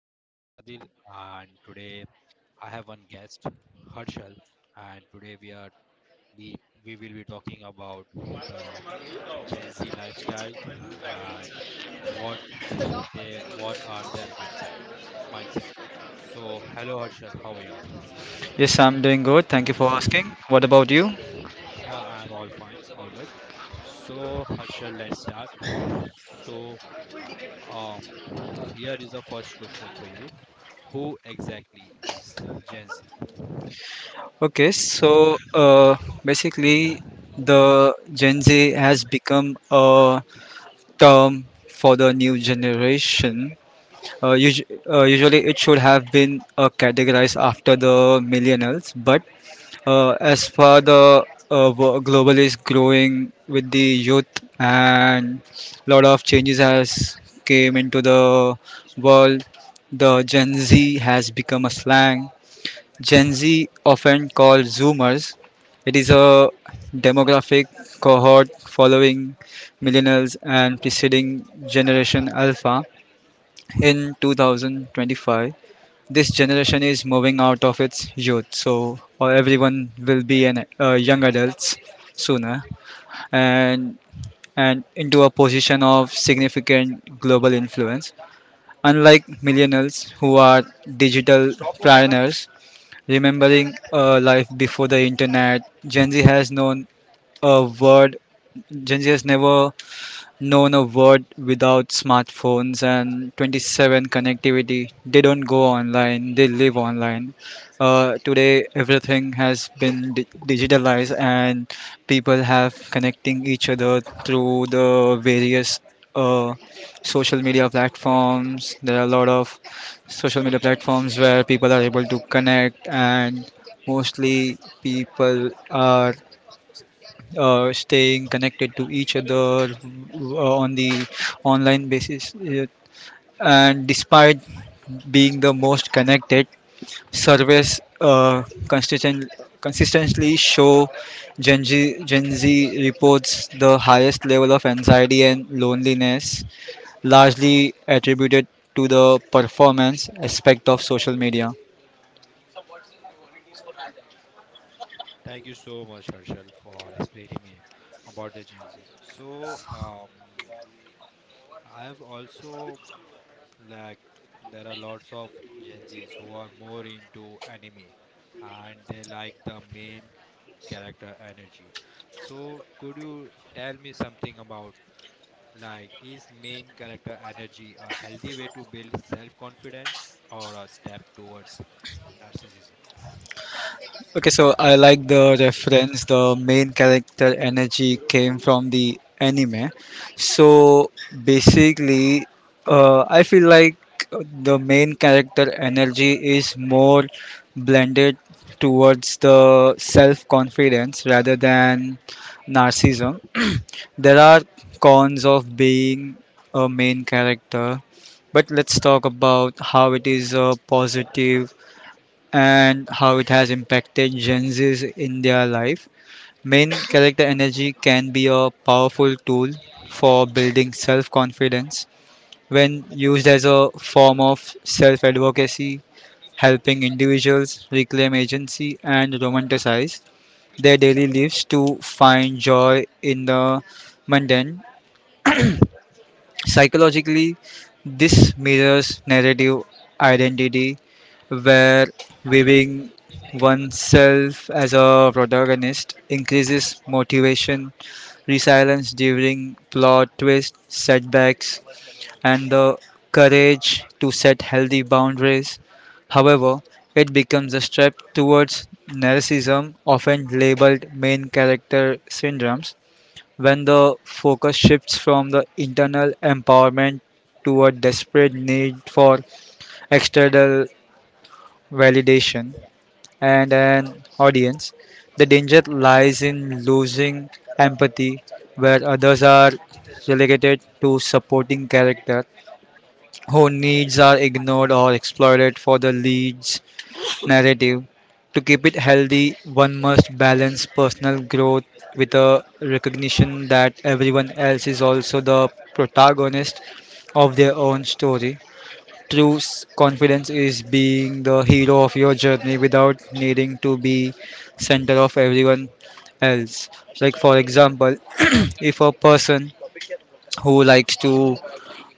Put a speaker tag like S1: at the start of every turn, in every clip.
S1: My name is Adil, and today I have one guest, Harshal, and today we are we, we will be talking about the Gen Z lifestyle and what what are their mindset. So, hello, Harshal, how are you?
S2: Yes, I'm doing good. Thank you for asking. What about you?
S1: Yeah, I am all fine, all good. So, Harshal, let's start. So, Um, Here is the first question for you. Who exactly is Gen Z?
S2: Okay, so basically, the Gen Z has become a term for the new generation. Uh, usu- Usually, it should have been categorized after the millennials, but as far the global is growing with the youth, and lot of changes has came into the world, the Gen Z has become a slang. Gen Z often called Zoomers. It is a demographic cohort following millennials and preceding generation Alpha. In 2025 this generation is moving out of its youth, so or everyone will be an young adults sooner, and and into a position of significant global influence, unlike millennials who are digital pioneers remembering a life before the internet. Gen Z has known a word. Gen Z has never known a world without smartphones and 27 connectivity. They don't go online, they live online. Today, everything has been digitalized, and people have connecting each other through the various uh, social media platforms. There are a lot of social media platforms where people are able to connect, and mostly people are staying connected to each other on the online basis. And despite being the most connected, surveys consistently show Gen Z reports the highest level of anxiety and loneliness, largely attributed to the performance aspect of social media.
S1: Thank you so much, Harshal, for explaining me about the Gen Z. I have also, like, there are lots of Gen Zs who are more into anime and they like the main character energy. So, could you tell me something about, like, is main character energy a healthy way to build self confidence or a step towards narcissism?
S2: Okay, so I like the reference. The main character energy came from the anime. So basically, I feel like the main character energy is more blended towards the self confidence rather than narcissism. There are cons of being a main character, but let's talk about how it is a positive and how it has impacted Gen Z's in their life. Main character energy can be a powerful tool for building self confidence when used as a form of self advocacy, helping individuals reclaim agency and romanticize their daily lives to find joy in the mundane. Psychologically, this mirrors narrative identity, where viewing oneself as a protagonist increases motivation, resilience during plot twists, setbacks, and the courage to set healthy boundaries. However, it becomes a step towards narcissism, often labeled main character syndromes, when the focus shifts from the internal empowerment to a desperate need for external validation and an audience. The danger lies in losing empathy, where others are relegated to supporting character whose needs are ignored or exploited for the lead's narrative. To keep it healthy, one must balance personal growth with a recognition that everyone else is also the protagonist of their own story. True confidence is being the hero of your journey without needing to be center of everyone else. Like for example, if a person who likes to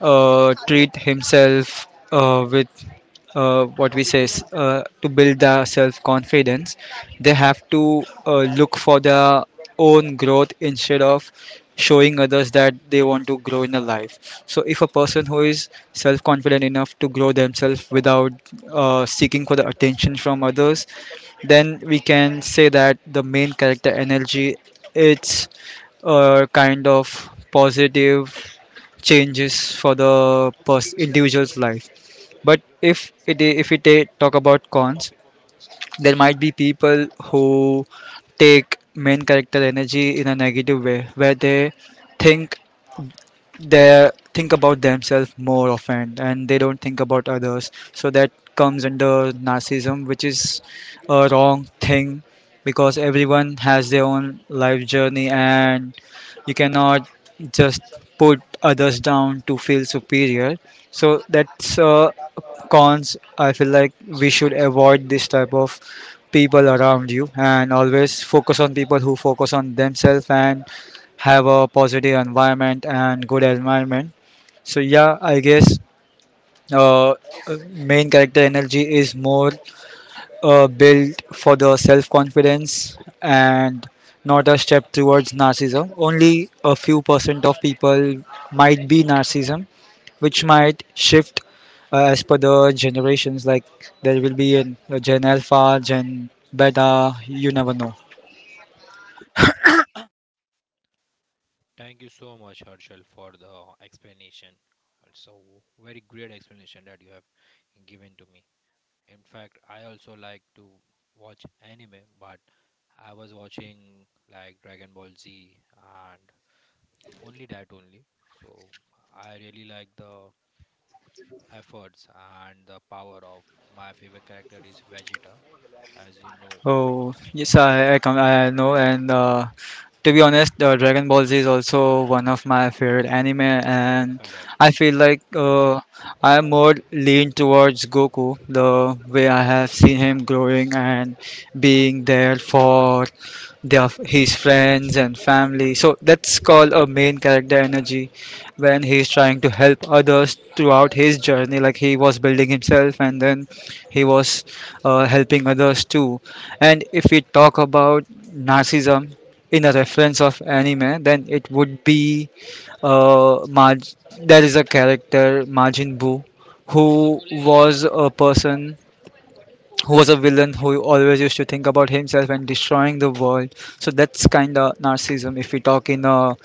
S2: treat himself with what we say to build the self confidence, they have to look for their own growth instead of showing others that they want to grow in a life. So if a person who is self confident enough to grow themselves without seeking for the attention from others, then we can say that the main character energy it's a kind of positive changes for the individual's life. But if we talk about cons, there might be people who take main character energy in a negative way, where think they think about themselves more often and they don't think about others, so that comes under narcissism, which is a wrong thing because everyone has their own life journey and you cannot just put others down to feel superior. So that's cons. I feel like we should avoid this type of people around you and always focus on people who focus on themselves and have a positive environment and good environment. So yeah, I guess uh, uh, main character energy is more built for the self confidence and not a step towards narcissism. Only a few percent of people might be narcissism, which might shift as per the generations. Like there will be a Gen Alpha, Gen Beta. You never know.
S1: Thank you so much, Harshal, for the explanation. And so, very great explanation that you have given to me. In fact, I also like to watch anime, but I was watching like Dragon Ball Z and only that only. So, I really like the efforts and the power of my favorite character is Vegeta as you know.
S2: Oh
S1: Uh,
S2: yes, I know,
S1: mm,
S2: and to be
S1: mhm,
S2: honest, Dragon Ball Z is also one of my favorite anime, and
S1: correct.
S2: I feel like I am more lean towards Goku, the way I have
S1: Mhm,
S2: seen him growing and being there for their his friends and family. So that's called a main character energy
S1: uh,
S2: when
S1: mm,
S2: he's trying to help others throughout his journey. Like he was building himself,
S1: mhm,
S2: and then he was helping others too. And if we talk about narcissism in a reference of anime, then it
S1: mhm.
S2: would be there is a character Majin Buu who was a person, who was a villain who always used to think about himself and destroying the world. So that's kind of narcissism if we talk in a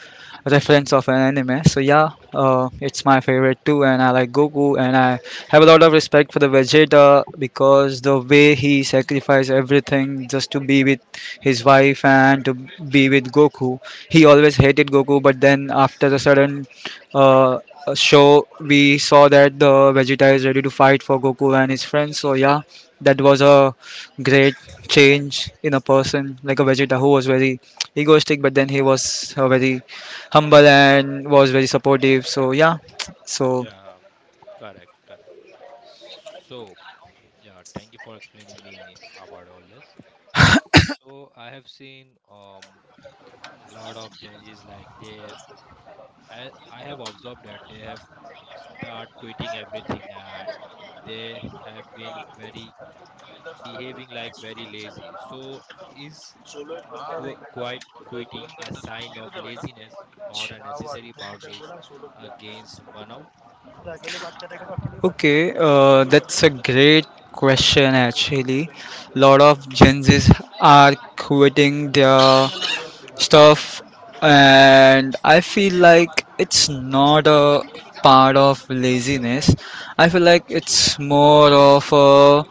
S2: reference of an anime. So yeah, it's my favorite too, and I like Goku, and I have a lot of respect for the Vegeta because the way he sacrificed everything just to be with his wife and to be with Goku. He always hated Goku, but then after a sudden uh, show, we saw that the Vegeta is ready to fight for Goku and his friends. So yeah, that was a great change in a person like a vegeta who was very egoistic, but then he was very humble and was very supportive. So yeah, so
S1: Yeah, correct, correct. So, yeah, thank you for explaining me about all this. So, I have seen a lot of changes like I have observed that they have start quitting everything and they have been very behaving like very lazy. So, is quite quitting a sign of laziness or unnecessary boundaries against burnout?
S2: okay, that's a great question actually. Lot of gen z's are quitting their stuff, and I feel like it's not a part of laziness. I feel like it's more of a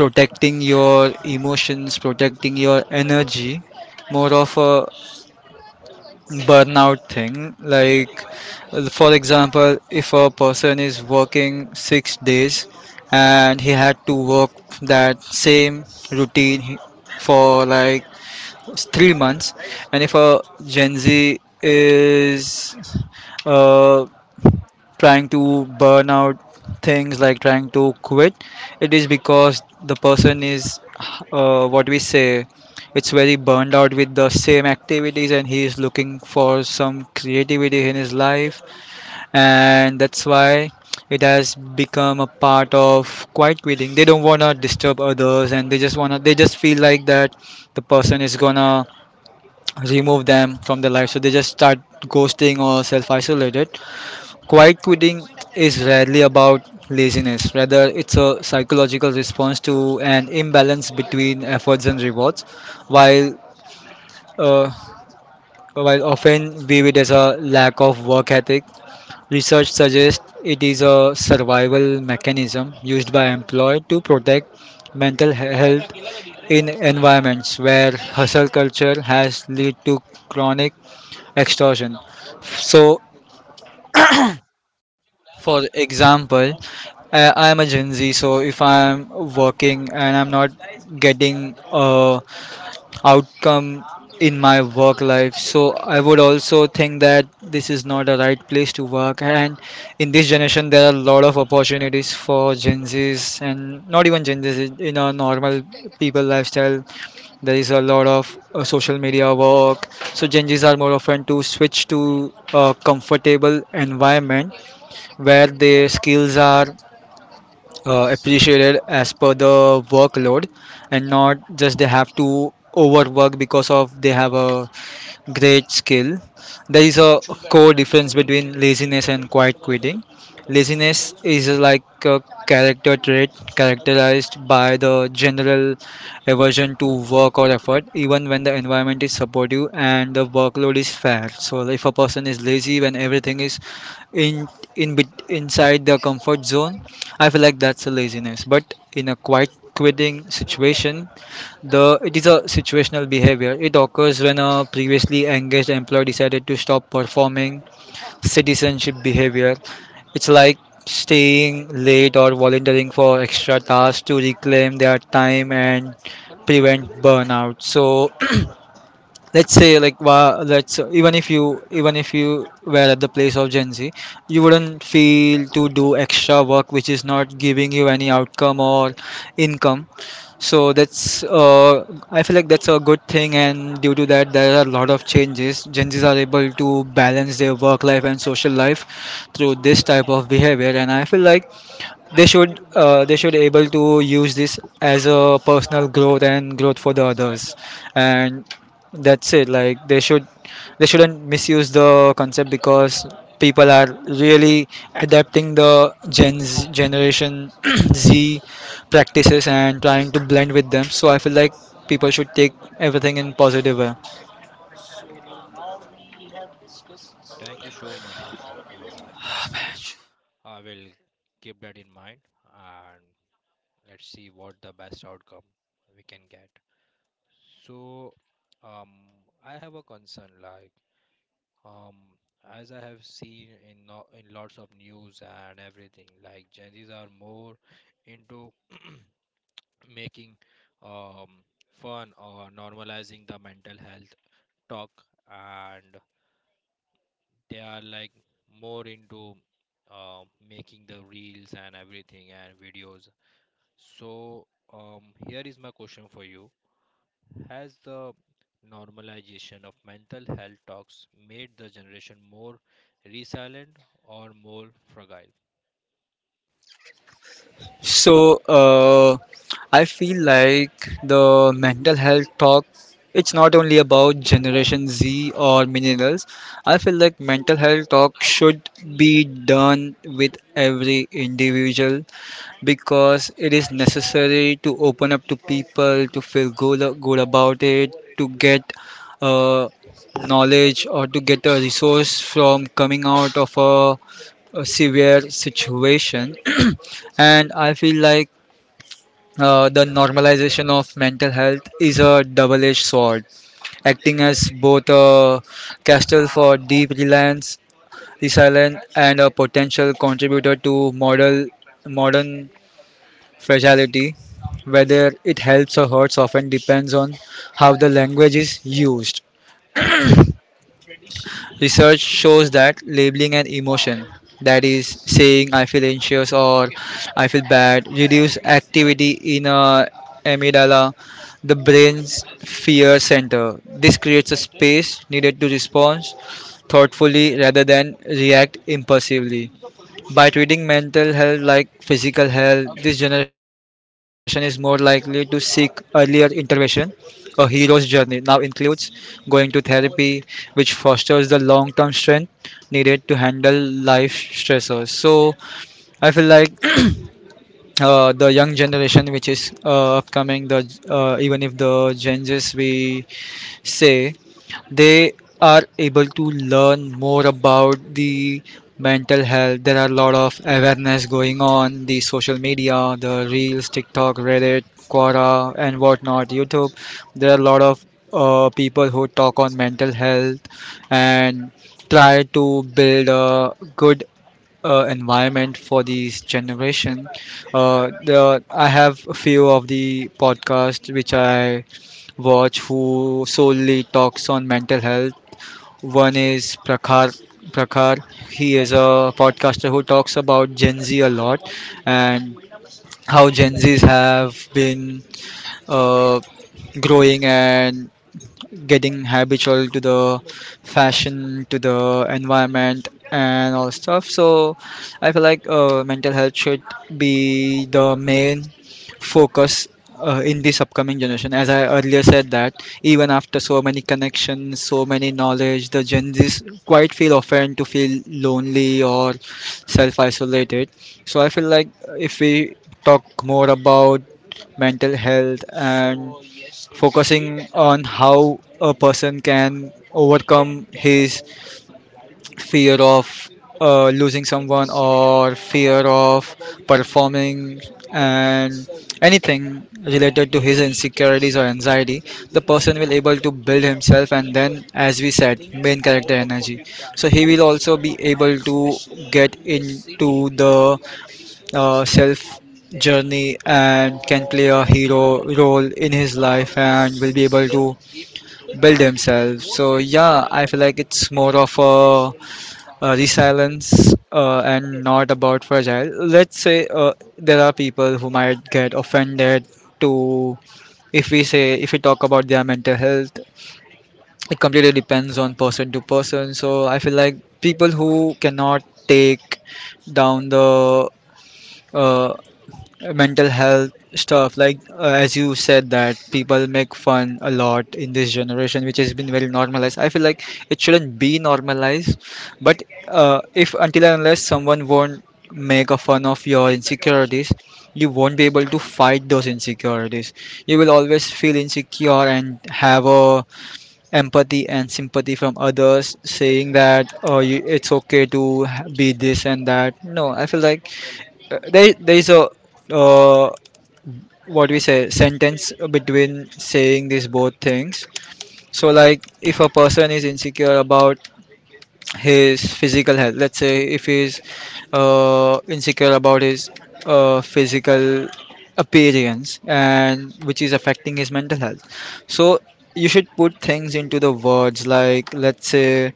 S2: protecting your emotions, protecting your energy, more of a burnout thing. Like, for example, if a person is working 6 days and he had to work that same routine for like 3 months, and if a Gen Z is uh, trying to burn out things like trying to quit, it is because the person is what we say it's very burned out with the same activities and he is looking for some creativity in his life, and that's why it has become a part of quiet quitting. They don't want to disturb others, and they just feel like that the person is gonna remove them from their life, so they just start ghosting or self isolated. Quiet quitting is rarely about laziness, rather, it's a psychological response to an imbalance between efforts and rewards. While, uh, while often viewed as a lack of work ethic, research suggests it is a survival mechanism used by employers to protect mental health in environments where hustle culture has led to chronic exhaustion. So, for example, I'm a Gen Z, so if I'm working and I'm not getting a outcome in my work life, so I would also think that this is not a right place to work. And in this generation, there are a lot of opportunities for Gen Zs, and not even Gen Zs in a normal people lifestyle. There is a lot of social media work, so Gen Zs are more often to switch to a comfortable environment where their skills are appreciated as per the workload, and not just they have to overwork because of they have a great skill. There is a core difference between laziness and quiet quitting. Laziness is like a character trait characterized by the general aversion to work or effort, even when the environment is supportive and the workload is fair. So, if a person is lazy when everything is in in inside the comfort zone, I feel like that's a laziness. But in a quiet quitting situation, the it is a situational behavior. It occurs when a previously engaged employee decided to stop performing citizenship behavior. It's like staying late or volunteering for extra tasks to reclaim their time and prevent burnout. So let's say like let's, even if you were at the place of gen z, you wouldn't feel to do extra work which is not giving you any outcome or income. So that's I feel like that's a good thing, and due to that there are a lot of changes. Gen z's are able to balance their work life and social life through this type of behavior, and I feel like they should able to use this as a personal growth and growth for the others. And that's it. Like they shouldn't misuse the concept because people are really adapting the gen Z, generation z practices and trying to blend with them. So I feel like people should take everything in positive way.
S1: Thank you so much, Harshal, for the explanation. I will keep that in mind and let's see what the best outcome we can get. So, um, I have a concern, like, um, as I have seen in, in lots of news and everything, like Gen Zs are more into making, um, fun or normalizing the mental health talk, and they are like more into uh, making the reels and everything and videos. So um, here is my question for you. Has the normalization of mental health talks made the generation more resilient or more fragile?
S2: So I feel like the mental health talk it's not only about generation Z or millennials. I feel like mental health talk should be done with every individual because it is necessary to open up to people to feel good about it to get uh, knowledge or to get a resource from coming out of a severe situation. And I feel like the normalization of mental health is a double edged sword, acting as both a castle for deep reliance, resilience, and a potential contributor to modern fragility. Whether it helps or hurts often depends on how the language is used. Research shows that labeling an emotion, that is, saying I feel anxious or I feel bad, reduce activity in a amygdala, the brain's fear center. This creates a space needed to respond thoughtfully rather than react impulsively. By treating mental health like physical health, this generation is more likely to seek earlier intervention. A hero's journey now includes going to therapy, which fosters the long term strength needed to handle life stressors. So, I feel like the young generation, which is upcoming, the even if the Gen Zs, we say they are able to learn more about the mental health. There are a lot of awareness going on the social media, the reels, tiktok, reddit, quora and whatnot, youtube. There are a lot of people who talk on mental health and try to build a good environment for this generation. I have a few of the podcasts which I watch who solely talks on mental health. One is Prakhar. Prakhar, he is a podcaster who talks about Gen Z a lot and how Gen Zs have been uh, growing and getting habitual to the fashion, to the environment, and all stuff. So I feel like mental health should be the main focus in this upcoming generation. As I earlier said that even after so many connections, so many knowledge, the Gen Zs quite feel often to feel lonely or self-isolated. So I feel like if we talk more about mental health and focusing on how a person can overcome his fear of losing someone or fear of performing and anything related to his insecurities or anxiety, the person will able to build himself, and then as we said main character energy, so he will also be able to get into the self journey and can play a hero role in his life and will be able to build himself. So yeah, I feel like it's more of a resilience and not about fragile. Let's say there are people who might get offended to if we say if we talk about their mental health. It completely depends on person to person. So I feel like people who cannot take down the uh, mental health stuff, like as you said that people make fun a lot in this generation, which has been very normalized. I feel like it shouldn't be normalized, but if until and unless someone won't make a fun of your insecurities, you won't be able to fight those insecurities. You will always feel insecure and have a empathy and sympathy from others saying that, oh you, it's be this and that. No, I feel like there is a uh, what we say sentence between saying these both things. So like if a person is insecure about his physical health, let's say if he's insecure about his physical appearance, and which is affecting his mental health, so you should put things into the words, like let's say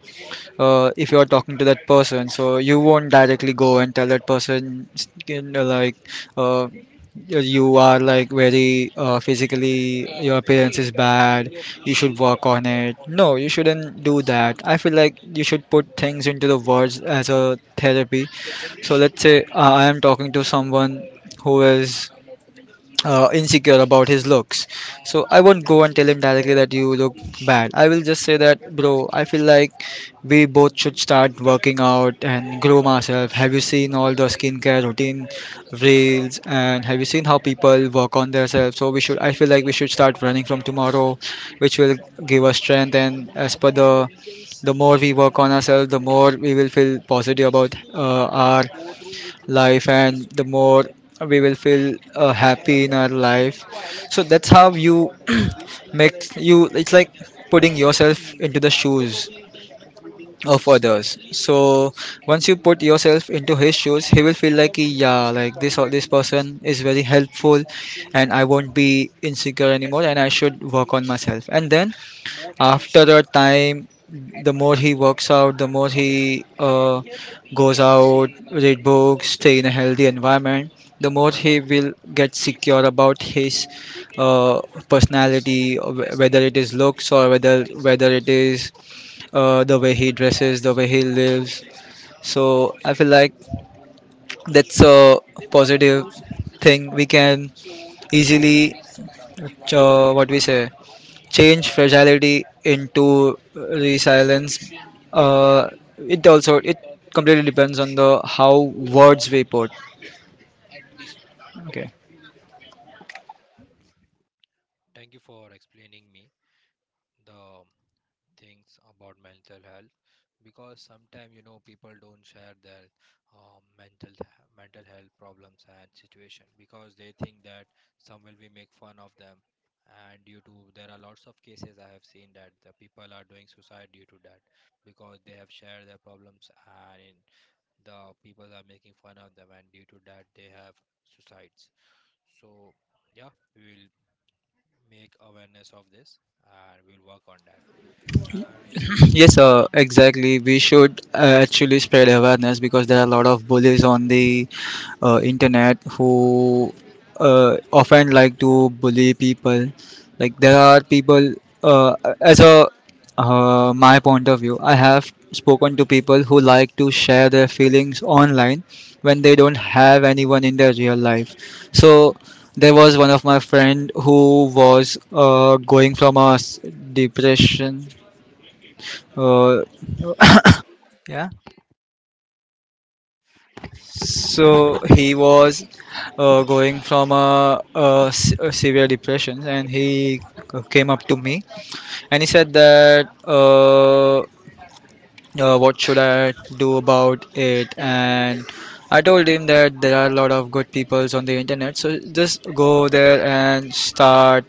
S2: if you're talking to that person, so you won't directly go and tell that person uh, you are like very physically your appearance is bad, you should work on it. No, you shouldn't do that. I feel like you should put things into the words as a therapy. So let's say I am talking to someone who is insecure about his looks. So I won't go and tell him directly that you look bad. I will just say that, bro, I feel like we both should start working out and groom ourselves. Have you seen all the skincare routine reels, and have you seen how people work on themselves? So we should, I feel like we should start running from tomorrow, which will give us strength. And as per the more we work on ourselves, the more we will feel positive about our life, and the more we will feel happy in our life. So that's how you make you, it's like putting yourself into the shoes of others. So once you put yourself into his shoes, he will feel like, yeah, like this or this person is very helpful, and I won't be insecure anymore, and I should work on myself, and then after a time, the more he works out, the more he goes out, read books, stay in a healthy environment, the more he will get secure about his uh, personality, whether it is looks or whether it is the way he dresses, the way he lives. So I feel like that's a positive thing. We can easily what we say change fragility into resilience. Uh, it completely depends on the how words we put. Okay.
S1: Thank you for explaining me the things about mental health, because sometimes you know people don't share their mental health problems and situation because they think that some will be make fun of them. And due to, there are lots of cases I have seen that the people are doing suicide due to that, because they have shared their problems and the people are making fun of them, and due to that they have suicides. So yeah, we will make awareness of this and we'll work on that. And
S2: Yes, exactly. We should actually spread awareness because there are a lot of bullies on the internet who often like to bully people. Like there are people, uh, as a my point of view, I have spoken to people who like to share their feelings online when they don't have anyone in their real life. So there was one of my friend who was going from a s- depression. uh, Oh, yeah. So he was going from a severe depression, and he came up to me, and he said that what should I do about it? And I told him that there are a lot of good peoples on the internet, so just go there and start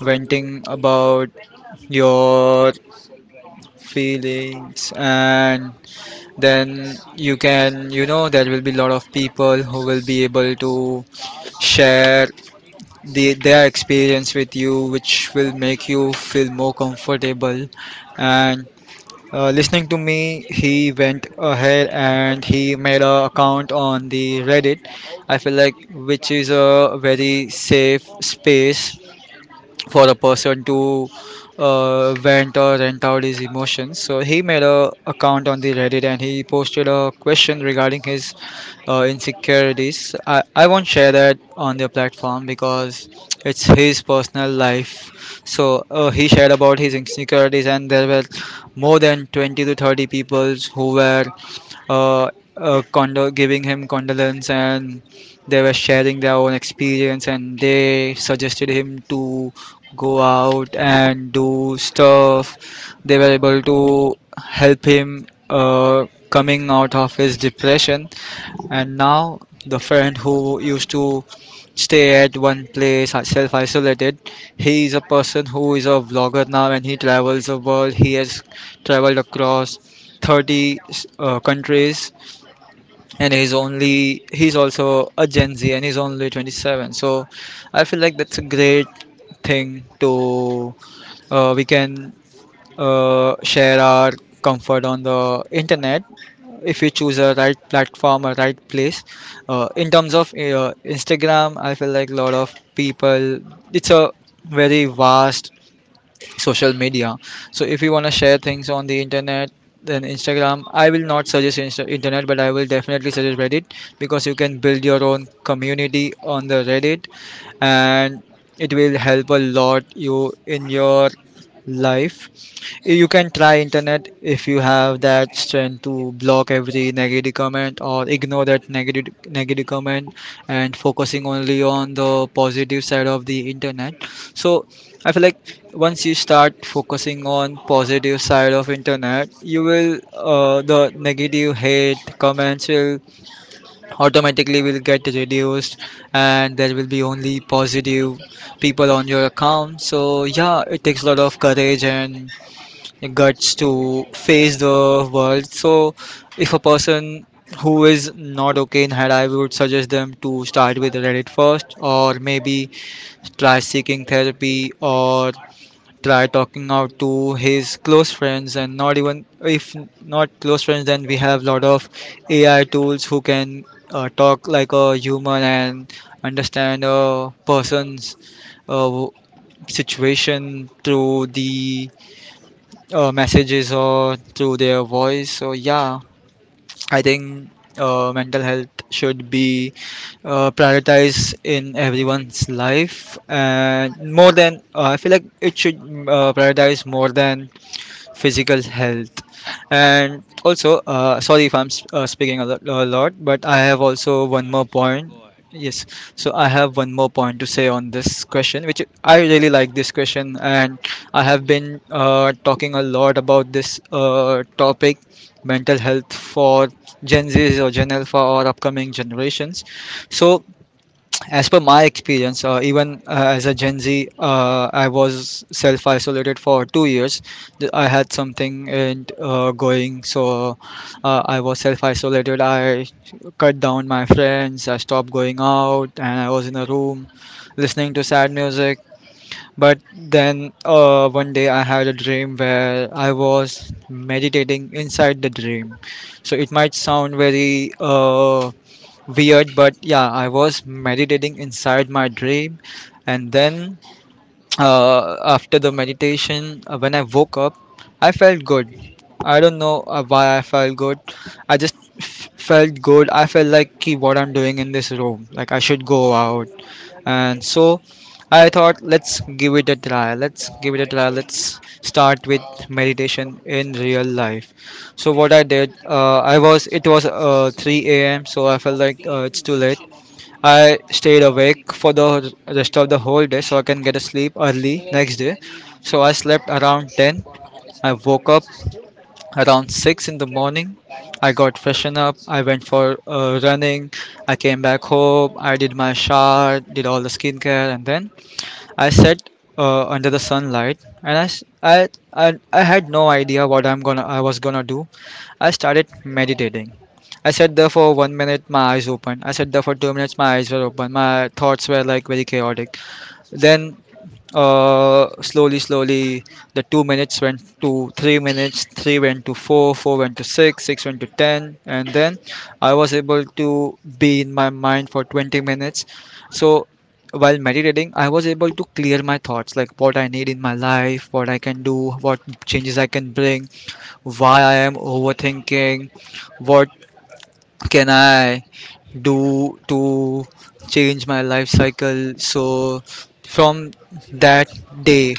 S2: venting about your feelings, and then you can, you know, there will be a lot of people who will be able to share their experience with you, which will make you feel more comfortable. And listening to me, he went ahead and he made a account on the reddit, I feel like, which is a very safe space for a person to vent or rent out his emotions. So he made a account on the Reddit and he posted a question regarding his insecurities. I won't share that on the platform because it's his personal life. So he shared about his insecurities, and there were more than 20 to 30 people who were uh, giving him condolence, and they were sharing their own experience, and they suggested him to go out and do stuff. They were able to help him coming out of his depression. And now the friend who used to stay at one place self isolated, he is a person who is a vlogger now, and he travels the world. He has traveled across 30 countries, and he's also a gen z, and he's only 27. So I feel like that's a great thing to we can share our comfort on the internet if we choose a right platform, a right place. In terms of instagram, I feel like a lot of people, it's a very vast social media. So if you want to share things on the internet, then instagram I will not suggest Insta- internet, but I will definitely suggest reddit, because you can build your own community on the reddit, and it will help a lot you in your life. You can try internet if you have that strength to block every negative comment or ignore that negative comment, and focusing only on the positive side of the internet. So I feel like once you start focusing on positive side of internet, you will the negative hate comments will automatically will get reduced, and there will be only positive people on your account. So yeah, it takes a lot of courage and guts to face the world. So if a person who is not okay in head, I would suggest them to start with Reddit first, or maybe try seeking therapy or try talking out to his close friends and not even if not close friends then we have lot of ai tools who can talk like a human and understand a person's uh, situation through the messages or through their voice. So yeah, I think mental health should be prioritized in everyone's life, and more than I feel like it should prioritize more than physical health. And also sorry if I'm speaking a lot but I have also
S1: it's
S2: one
S1: fine,
S2: more
S1: it's fine.
S2: point.
S1: Go ahead.
S2: Yes, so I have one more point to say on this question which I really like this question, and I have been talking a lot about this topic, mental health for gen z's or gen alpha or upcoming generations. So as per my experience even as a gen z, I was self isolated for 2 years. I had something and going. So I was self isolated, I cut down my friends, I stopped going out, and I was in a room listening to sad music. But then one day I had a dream where I was meditating inside the dream. So it might sound very uh, weird, but yeah, I was meditating inside my dream, and then after the meditation, when I woke up, I felt good. I don't know why I felt good. I just felt good. I felt like, "Ki, what I'm doing in this room, like I should go out." And so I thought, let's give it a try. Let's give it a try. Let's start with meditation in real life. So what I did, I was it was 3 a.m. So I felt like it's too late. I stayed awake for the rest of the whole day so I can get a sleep early next day. So I slept around 10. I woke up around 6 in the morning. I got freshened up. I went for running. I came back home. I did my shower, did all the skincare, and then I sat under the sunlight, and I had no idea what I'm gonna I was gonna do. I started meditating. I sat there for one minute, my eyes open. I sat there for 2 minutes, my eyes were open. My thoughts were like very chaotic. Then slowly, slowly, the 2 minutes went to 3 minutes, three went to four, four went to six, six went to ten, and then I was able to be in my mind for 20 minutes. So while meditating, I was able to clear my thoughts like what I need in my life, what I can do, what changes I can bring, why I am overthinking, what can I do to change my life cycle? So from that day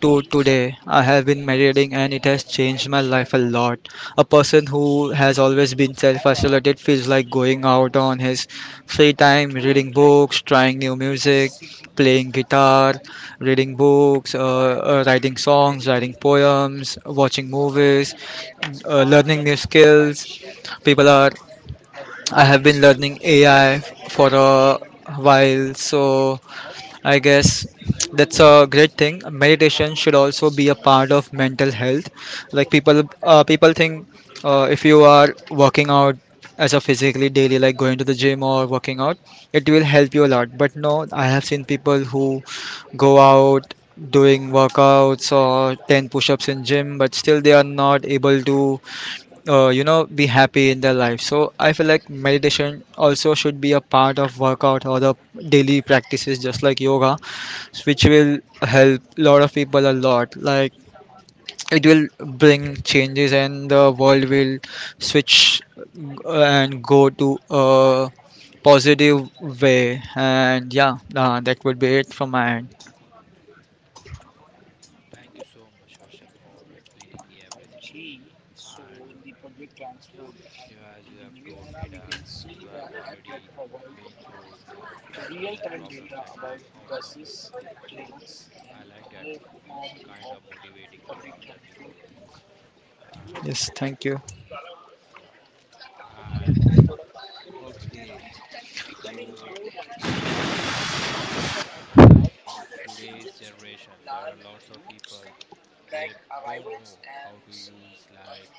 S2: to today, I have been meditating and it has changed my life a lot. A person who has always been self-isolated feels like going out on his free time, reading books, trying new music, playing guitar, reading books, writing songs, writing poems, watching movies, learning new skills. People are I have been learning AI for a while, so I guess that's a great thing. Meditation should also be a part of mental health. Like people think if you are working out as a physically daily, like going to the gym or working out, it will help you a lot. But no, I have seen people who go out doing workouts or 10 push-ups in gym but still they are not able to be happy in their life. So I feel like meditation also should be a part of workout or the daily practices just like yoga, which will help a lot of people a lot. Like it will bring changes and the world will switch and go to a positive way. And yeah, that would be it from my end.
S1: Thank you so much, Herschel, for explaining me everything. And uh, yeah, yeah, as you have told me that you have already been through the mental health problems and you have outcome it. So I like that. It's a kind of motivating to the other people also. And
S2: Yes, thank you.
S1: yeah, and okay. So as I can see, like in today's generation, there are lots of people, they don't know how to use, like,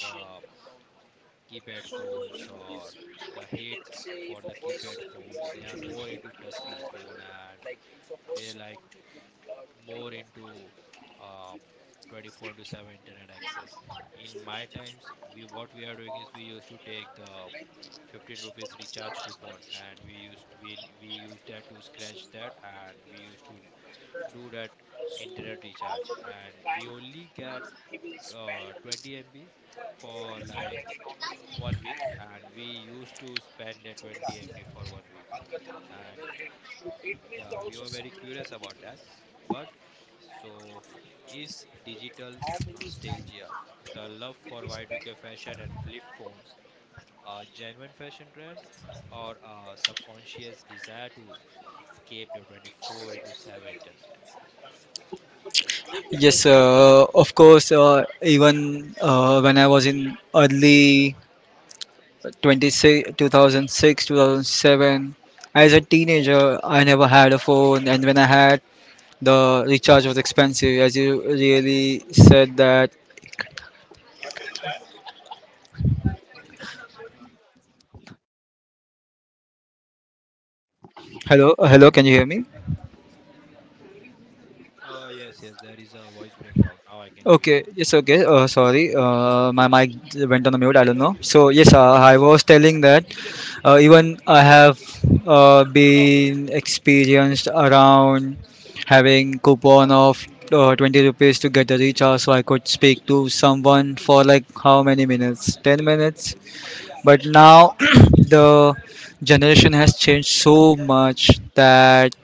S1: the keypad phones or the hate for the keypad phones. They are more into touchscreen phone, and they're like more into um 24/7 internet access. In my times, we what we are doing is we used to take the 15 rupees recharge coupon and we used that to scratch that and we used to do that internet recharge, and we only get 20 MB for like 1 week, and we used to spend that 20 MB for 1 week. And yeah, we were very curious about that. But so, is digital nostalgia, the love for Y2K fashion and flip phones, a genuine fashion trend or a subconscious desire to escape the 24/7 internet?
S2: Yes, of course. Even when I was in early 26, 2006, 2007. As a teenager, I never had a phone, and when I had, the recharge was expensive, as you really said that. Hello, can you hear me?
S1: Yes, yes, there is a voice breakdown. Now I can hear you.
S2: Okay, yes, okay. Sorry, my mic went on the mute. I don't know. So yes, I was telling that even I have been experienced around having coupon of 20 rupees to get the recharge, so I could speak to someone for like how many minutes? 10 minutes. But now the generation has changed so much that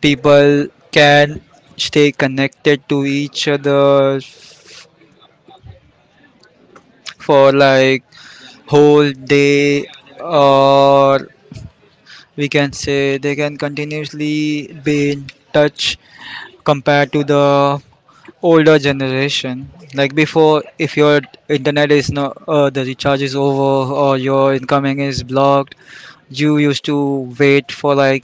S2: people can stay connected to each other for like whole day, or we can say they can continuously be in touch compared to the older generation. Like before, if your internet is not the recharge is over or your incoming is blocked, you used to wait for like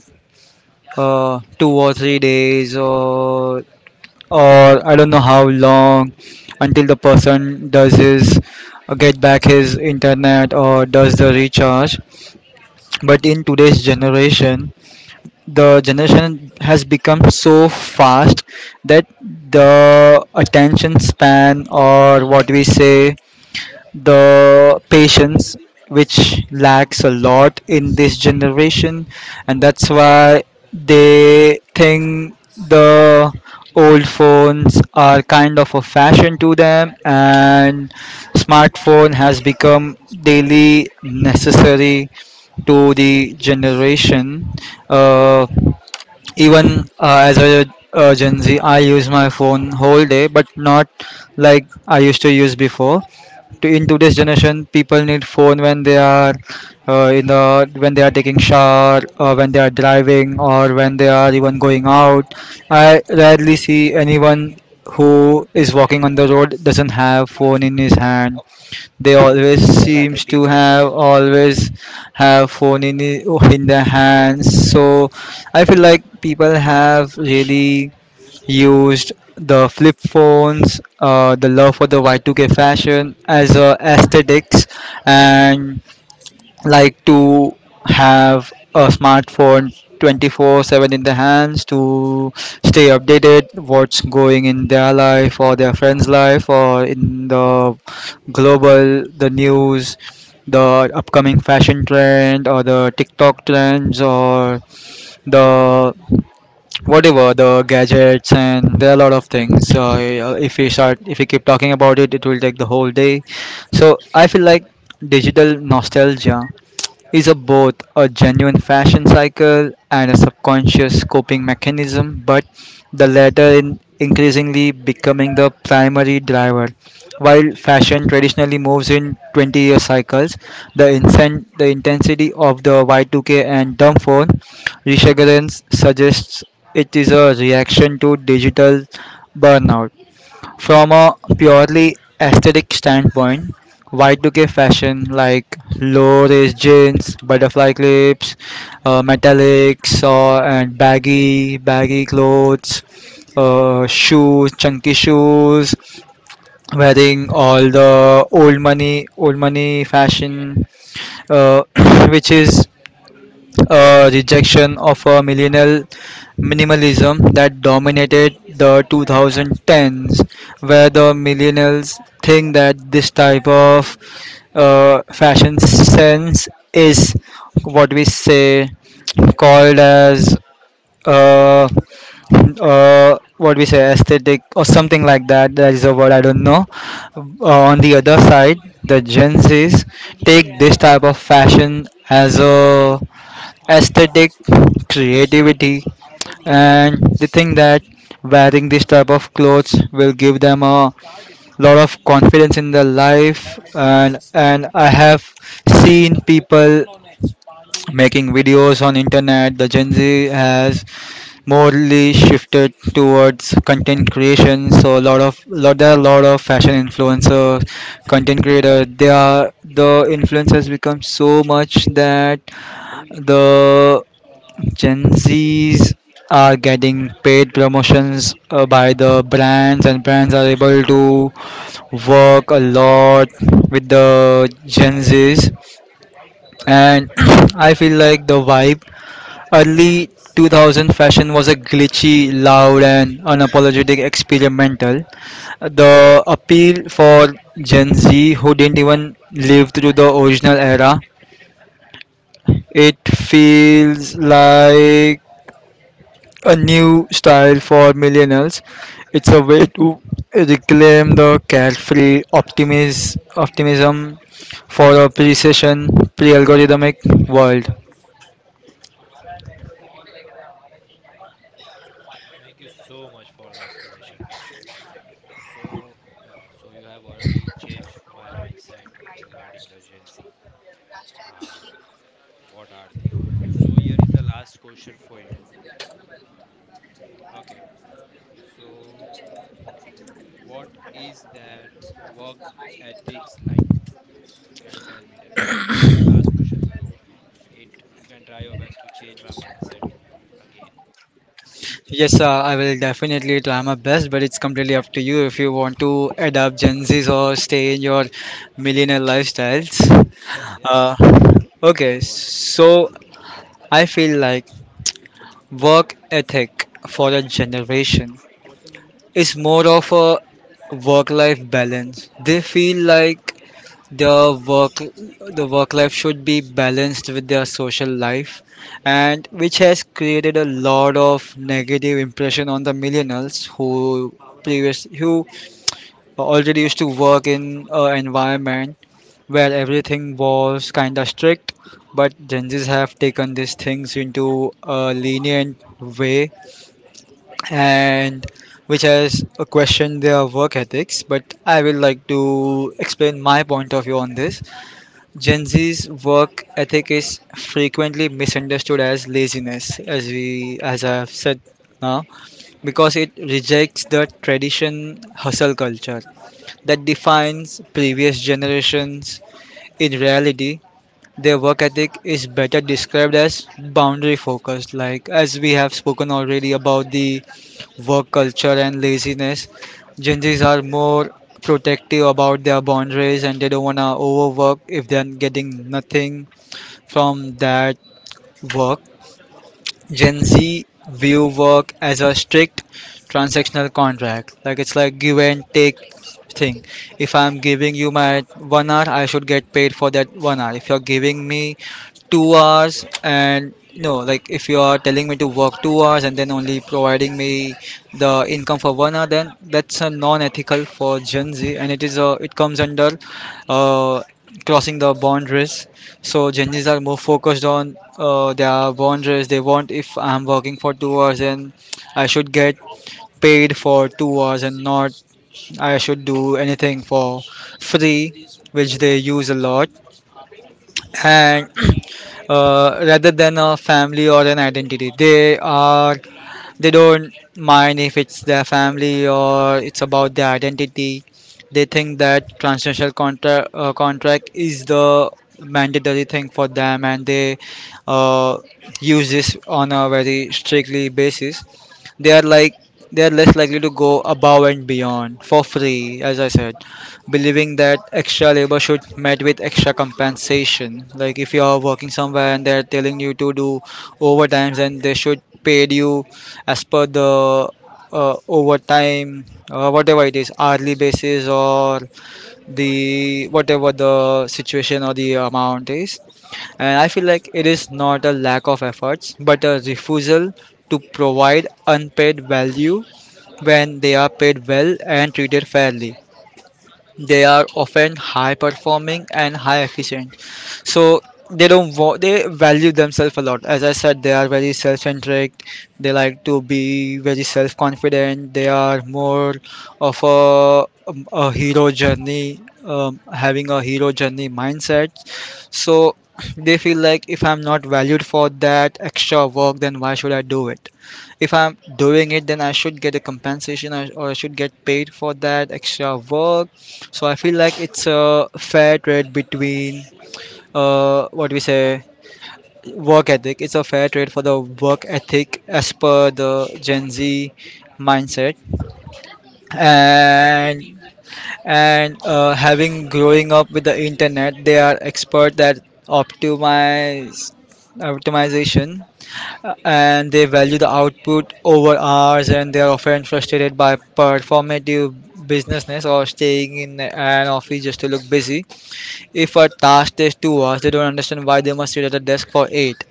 S2: 2 or 3 days or I don't know how long until the person does his get back his internet or does the recharge. But in today's generation, the generation has become so fast that the attention span, or what we say, the patience, which lacks a lot in this generation, and that's why they think the old phones are kind of a fashion to them and smartphone has become daily necessary to the generation. uh, Even as a gen z, I use my phone whole day but not like I used to use before. In today's generation, people need phone when they are in the when they are taking shower, or when they are driving, or when they are even going out. I rarely see anyone who is walking on the road doesn't have phone in his hand. They always seems to have phone in in their hands. So I feel like people have really used the flip phones, the love for the Y2K fashion as a aesthetics, and like to have a smartphone 24/7 in the hands to stay updated what's going in their life or their friends life or in the global the news, the upcoming fashion trend or the tiktok trends or the whatever the gadgets. And there are a lot of things if we keep talking about it, it will take the whole day. So I feel like digital nostalgia is a both a genuine fashion cycle and a subconscious coping mechanism, but the latter in increasingly becoming the primary driver. While fashion traditionally moves in 20-year cycles, the intensity of the Y2K and dumb phone resurgence suggests it is a reaction to digital burnout. From a purely aesthetic standpoint, Y2K fashion like low waist jeans, butterfly clips, metallics, and baggy clothes, chunky shoes, wearing all the old money fashion, uh, which is rejection of a millennial minimalism that dominated the 2010s, where the millennials think that this type of fashion sense is what we say called as uh, what we say aesthetic or something like that. That is a word I don't know. On the other side, the Gen Zs take this type of fashion as a aesthetic, creativity, and they think that wearing this type of clothes will give them a lot of confidence in their life. And I have seen people making videos on internet. The Gen Z has morely shifted towards content creation. So a lot of lot there are a lot of fashion influencers, content creators. The influence has become so much that the Gen Zs are getting paid promotions by the brands, and brands are able to work a lot with the Gen Zs. And I feel like the vibe early 2000 fashion was a glitchy, loud, and unapologetic experimental. The appeal for Gen Z who didn't even live through the original era, it feels like a new style for millennials. It's a way to reclaim the carefree optimism for a pre-session, pre-algorithmic world.
S1: Thank you so much for the explanation, Herschel. So, so you have already changed my mindset regarding the Gen Z and what are they? So here is the last question for you. Okay. So what is their work ethics like? Can you tell me that? It's the last question, so it you can try your best to change my mindset again.
S2: Yes, I will definitely try my best, but it's completely up to you if you want to adapt Gen Z's or stay in your millionaire lifestyles.
S1: Yes, yes,
S2: Uh,
S1: you can
S2: okay,
S1: go ahead.
S2: so I feel like work ethic for a generation is more of a work life balance. They feel like their work the work life should be balanced with their social life, and which has created a lot of negative impression on the millennials who previous who already used to work in an environment where everything was kind of strict, but gen z's have taken these things into a lenient way, and which has questioned their work ethics. But I will like to explain my point of view on this. Gen Z's work ethic is frequently misunderstood as laziness, as I have said now, because it rejects the tradition hustle culture that defines previous generations. In reality, their work ethic is better described as boundary focused, like as we have spoken already about the work culture and laziness. Gen Zs are more protective about their boundaries and they don't want to overwork if they're getting nothing from that work. Gen Z view work as a strict transactional contract. Like it's like give and take thing. If I'm giving you my one hour, I should get paid for that one hour. If you're giving me 2 hours and no, like if you are telling me to work 2 hours and then only providing me the income for 1 hour, then that's a non-ethical for Gen Z, and it is a it comes under uh, crossing the boundaries. So Gen Zs are more focused on their boundaries. They want if I'm working for 2 hours, then I should get paid for 2 hours and not I should do anything for free, which they use a lot. And Rather than a family or an identity, they don't mind if it's their family or it's about their identity. They think that transnational contract contract is the mandatory thing for them, and they uh, use this on a very strictly basis. They are like they are less likely to go above and beyond for free, as I said, believing that extra labor should met with extra compensation. Like if you are working somewhere and they're telling you to do overtimes, and they should pay you as per the overtime, whatever it is, hourly basis or the whatever the situation or the amount is. And I feel like it is not a lack of efforts, but a refusal to provide unpaid value. When they are paid well and treated fairly, they are often high performing and high efficient. So they don't wa- they value themselves a lot. As I said, they are very self-centric. They like to be very self-confident. They are more of a hero journey, having a hero journey mindset. So they feel like if I'm not valued for that extra work, then why should I do it? If I'm doing it, then I should get a compensation, or I should get paid for that extra work. So I feel like it's a fair trade between what we say work ethic. It's a fair trade for the work ethic as per the Gen Z mindset. And and uh, having growing up with the internet, they are expert at optimize optimization. And they value the output over hours, and they are often frustrated by performative businessness or staying in an office just to look busy. If a task takes 2 hours, they don't understand why they must sit at a desk for 8.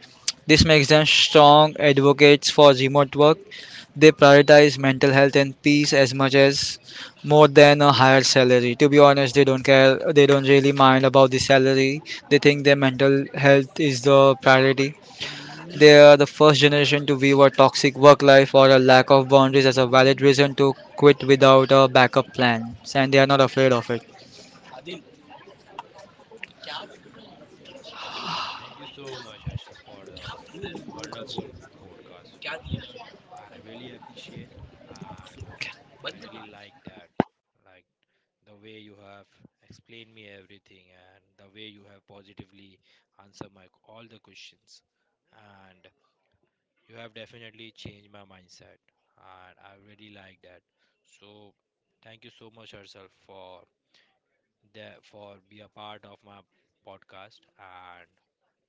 S2: This makes them strong advocates for remote work. They prioritize mental health and peace as much as more than a higher salary. To be honest, they don't care, they don't really mind about the salary. They think their mental health is the priority. They are the first generation to view a toxic work life or a lack of boundaries as a valid reason to quit without a backup plan, and they are not afraid of it.
S1: Thank you so much, Arshad, for the wonderful podcast with me. I really appreciate, and I really like that. Like the way you have explained me everything and the way you have positively answered my all the questions. And you have definitely changed my mindset, and I really like that. So, thank you so much, Herself, for the for be a part of my podcast and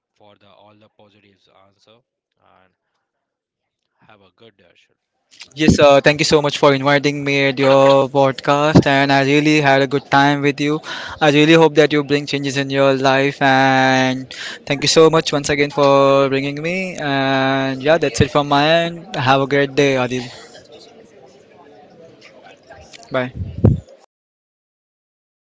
S1: for the all the positives answer. And have a good day, Herschel.
S2: Yes, thank you so much for inviting me at your podcast, and I really had a good time with you. I really hope that you bring changes in your life, and thank you so much once again for bringing me. And yeah, that's it from my end. Have a great day, Adil.
S1: Yeah, bye.
S2: Bye.